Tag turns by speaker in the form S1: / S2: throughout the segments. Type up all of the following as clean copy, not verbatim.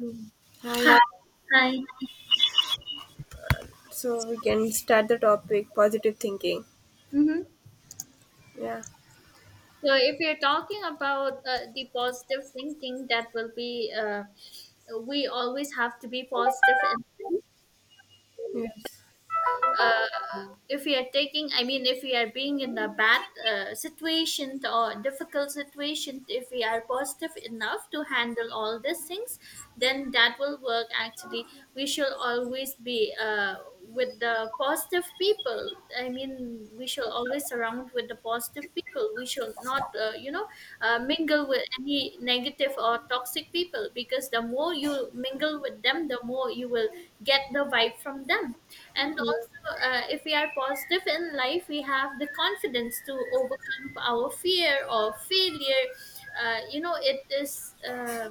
S1: Mm. Hi.
S2: Hi. Hi.
S1: So we can start the topic positive thinking.
S2: Mm-hmm.
S1: Yeah.
S2: So, if you're talking about the positive thinking, that will be we always have to be positive, and
S1: Yes.
S2: uh, if we are taking, I mean, if we are being in a bad situation or difficult situation, if we are positive enough to handle all these things, then that will work actually. We should always be with the positive people. I mean, we should always surround with the positive people. We should not mingle with any negative or toxic people, because the more you mingle with them, the more you will get the vibe from them. And also, if we are positive in life, we have the confidence to overcome our fear or failure. You know, it is.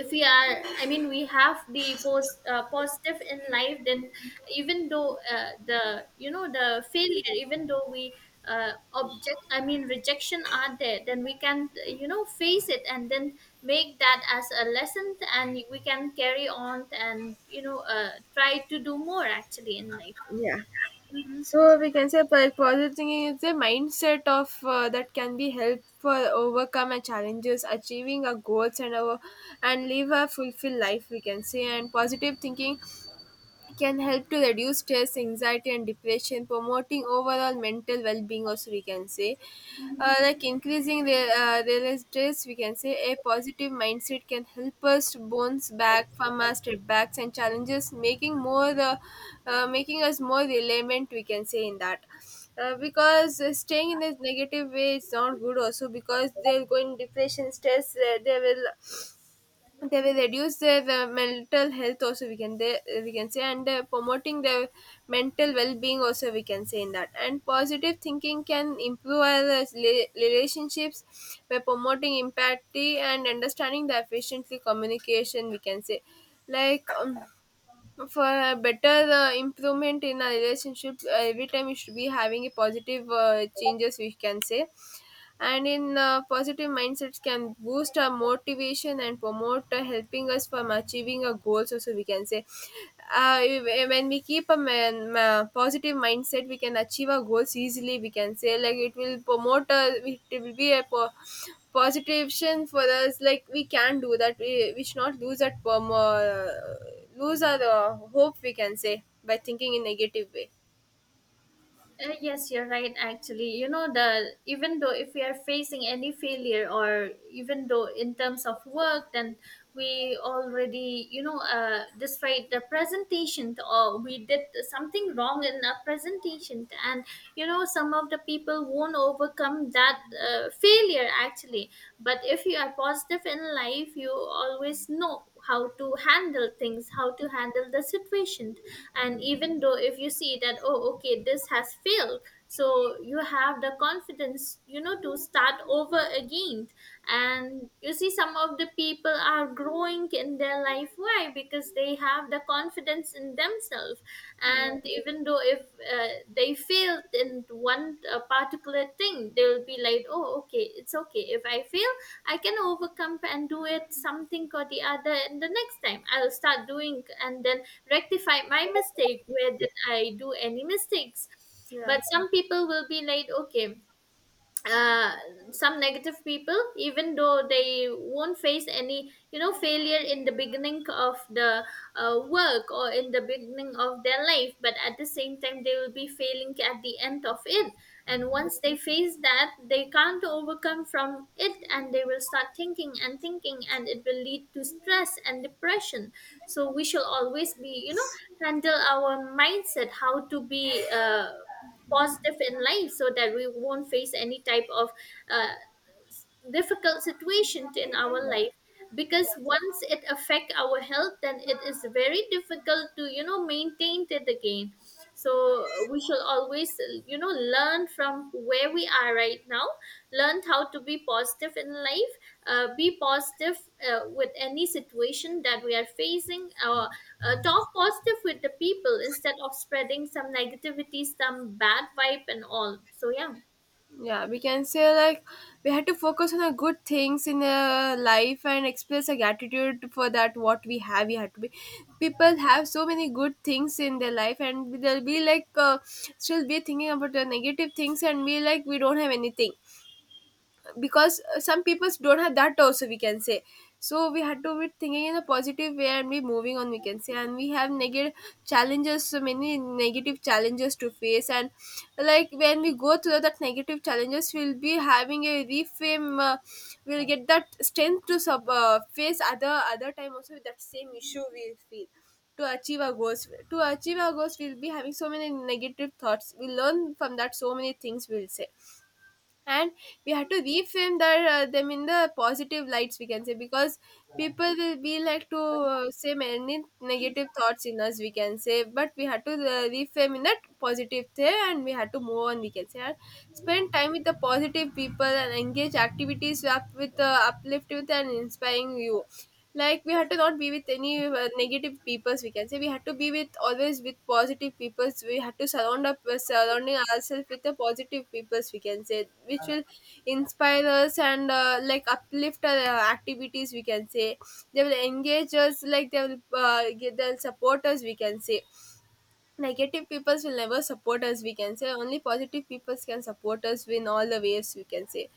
S2: If we are, I mean, we have the positive in life, then even though the, you know, the failure, even though we I mean, rejection are there, then we can, you know, face it and then make that as a lesson, and we can carry on and, you know, try to do more actually in life.
S1: Yeah. So we can say positive thinking is a mindset of that can be helpful overcome our challenges, achieving our goals, and our and live a fulfilled life, we can say. And positive thinking can help to reduce stress, anxiety, and depression, promoting overall mental well-being. Also, we can say, like increasing the stress, we can say a positive mindset can help us to bounce back from our setbacks and challenges, making more making us more relevant, we can say in that. Because staying in this negative way is not good also because they'll go in depression stress, they will reduce their mental health also we can say, and promoting their mental well-being also we can say in that. And positive thinking can improve our relationships by promoting empathy and understanding the efficiently communication, we can say, like for a better improvement in our relationship, every time we should be having a positive changes, we can say. And in positive mindsets can boost our motivation and promote, helping us from achieving our goals also, we can say. When we keep a positive mindset, we can achieve our goals easily, we can say. Like it will promote, it will be a positivation for us, like we can do that. We we should not lose our hope, we can say, by thinking in negative way.
S2: Yes, you're right. Actually, you know, the even though if we are facing any failure, or even though in terms of work, then we already, you know, despite the presentation, or we did something wrong in a presentation, and you know some of the people won't overcome that failure actually. But if you are positive in life, you always know how to handle things, how to handle the situation. And even though if you see that, oh okay, this has failed, so you have the confidence, you know, to start over again. And you see some of the people are growing in their life. Why? Because they have the confidence in themselves. And even though if they failed in one particular thing, they'll be like, oh okay, it's okay if I fail, I can overcome and do it something or the other, and the next time I'll start doing and then rectify my mistake. Where did I do any mistakes?
S1: Yeah.
S2: But some people will be like, okay, uh, some negative people, even though they won't face any, you know, failure in the beginning of the work, or in the beginning of their life, but at the same time they will be failing at the end of it. And once they face that, they can't overcome from it, and they will start thinking and thinking, and it will lead to stress and depression. So we shall always, be you know, handle our mindset, how to be positive in life, so that we won't face any type of uh, difficult situation in our life, because
S1: Yeah.
S2: once it affect our health, then it is very difficult to, you know, maintain it again. So we shall always, you know, learn from where we are right now, learn how to be positive in life. Be positive with any situation that we are facing, or talk positive with the people instead of spreading some negativity, some bad vibe and all. So yeah.
S1: Yeah, we can say, like we had to focus on the good things in life and express a gratitude for that what we have. We had to be, people have so many good things in their life and they'll be like, still be thinking about the negative things and be like we don't have anything, because some people don't have that also, we can say. So we had to be thinking in a positive way and be moving on, we can say. And we have negative challenges so many negative challenges to face, and like when we go through that negative challenges we'll be having a reframe. We'll get that strength to face other time also with that same issue we feel. To achieve our goals, to achieve our goals we'll be having so many negative thoughts, we learn from that so many things, we'll say. And we have to reframe them in the positive lights, we can say, because people will be like to say many negative thoughts in us, we can say, but we have to reframe in that positive thing and we have to move on, we can say. And spend time with the positive people and engage activities up with, uplift with and inspiring you. Like we had to not be with any negative peoples, we can say. We had to be with always with positive peoples, we had to surrounding ourselves with the positive peoples, we can say, which will inspire us and like uplift our activities, we can say. They will engage us, like they will get they'll support us, we can say. Negative peoples will never support us, we can say, only positive peoples can support us in all the ways, we can say.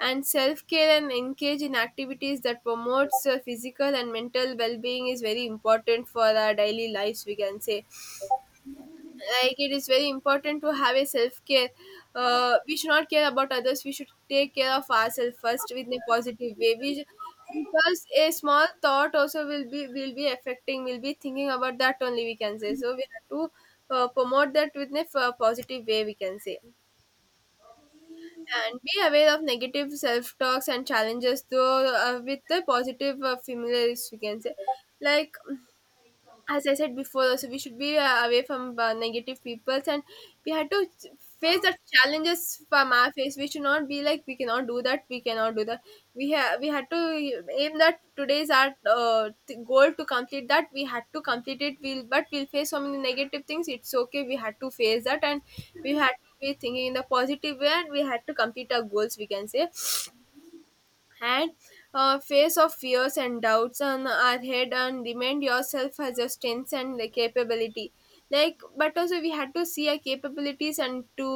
S1: And self-care and engage in activities that promotes physical and mental well-being is very important for our daily lives, we can say. Like it is very important to have a self-care. We should not care about others, we should take care of ourselves first with a positive way. Because a small thought also will be affecting, we will be thinking about that only, we can say. So we have to promote that with a positive way, we can say. And be aware of negative self talks and challenges though, with the positive familiars, we can say. Like as I said before, also we should be away from negative peoples, and we had to face the challenges from our face. We should not be like we cannot do that, we cannot do that. We had to aim that today is our goal to complete that. We had to complete it. We'll but we'll face so many negative things. It's okay, we had to face that, and we had to be thinking in the positive way, and we had to complete our goals, we can say. And face of fears and doubts on our head and remind yourself as your strengths and the capability. Like but also we had to see our capabilities and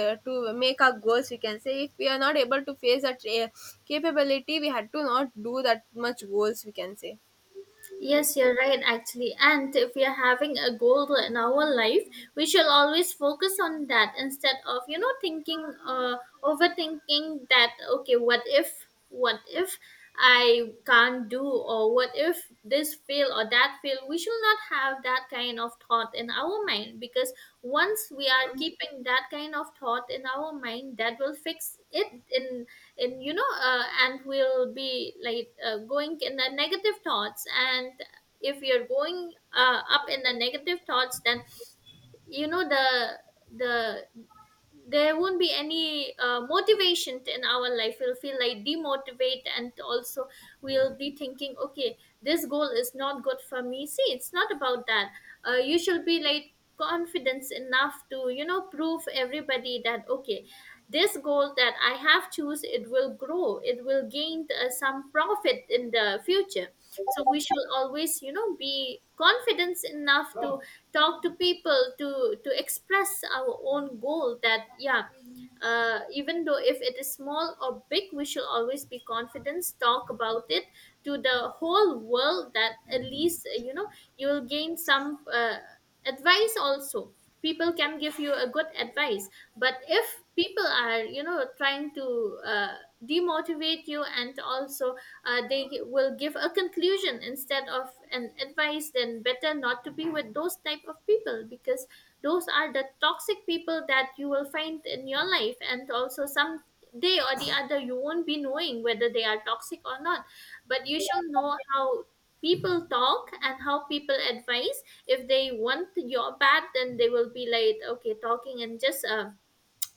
S1: to make our goals, we can say. If we are not able to face that capability, we had to not do that much goals, we can say.
S2: Yes,
S1: Yes.
S2: you're right, actually. And if we are having a goal in our life, we should always focus on that instead of, you know, thinking, overthinking that, okay, what if I can't do, or what if this fail or that fail? We should not have that kind of thought in our mind, because once we are keeping that kind of thought in our mind, that will fix it in. And you know, and we'll be like, going in the negative thoughts. And if you're going up in the negative thoughts, then you know, the there won't be any motivation in our life, we'll feel like demotivate. And also we'll be thinking, okay, this goal is not good for me. See, it's not about that. You should be like confidence enough to, you know, prove everybody that, okay, this goal that I have choose, it will grow, it will gain some profit in the future. So we should always, you know, be confident enough to talk to people, to express our own goal. That, yeah, even though if it is small or big, we should always be confident, talk about it to the whole world, that at least you know, you will gain some advice also. People can give you a good advice. But if people are, you know, trying to demotivate you, and also they will give a conclusion instead of an advice, then better not to be with those type of people, because those are the toxic people that you will find in your life. And also some day or the other, you won't be knowing whether they are toxic or not. But you shall know how people talk and how people advise. If they want your bad, then they will be like, okay, talking in just a,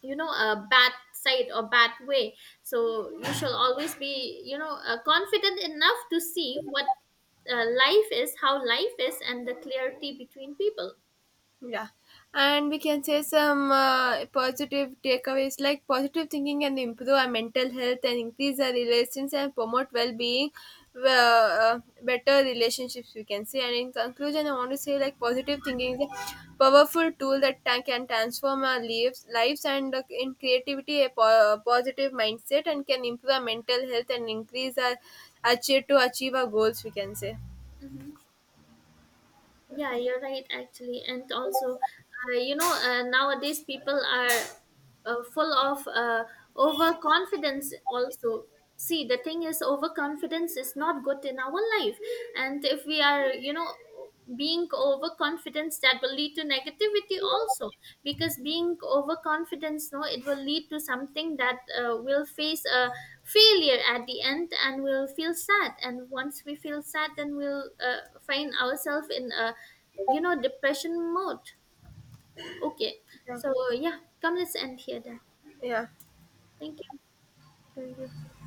S2: you know, a bad side or bad way. So you shall always be, you know, confident enough to see what life is, how life is, and the clarity between people.
S1: Yeah, and we can say some positive takeaways like positive thinking can improve our mental health and increase our relations and promote well-being, better relationships, we can say. And in conclusion, I want to say, like positive thinking is a powerful tool that can transform our lives and in creativity a a positive mindset, and can improve our mental health and increase our achieve our goals, we can say.
S2: Hmm. Yeah, you're right, actually. And also nowadays people are full of overconfidence also. See, the thing is, overconfidence is not good in our life. And if we are, you know, being overconfident, that will lead to negativity also. Because being overconfidence, no, it will lead to something that will face a failure at the end, and we'll feel sad. And once we feel sad, then we'll find ourselves in a, you know, depression mode. Okay.
S1: Yeah.
S2: So yeah, come, let's end here then.
S1: Yeah.
S2: Thank you.
S1: Thank you.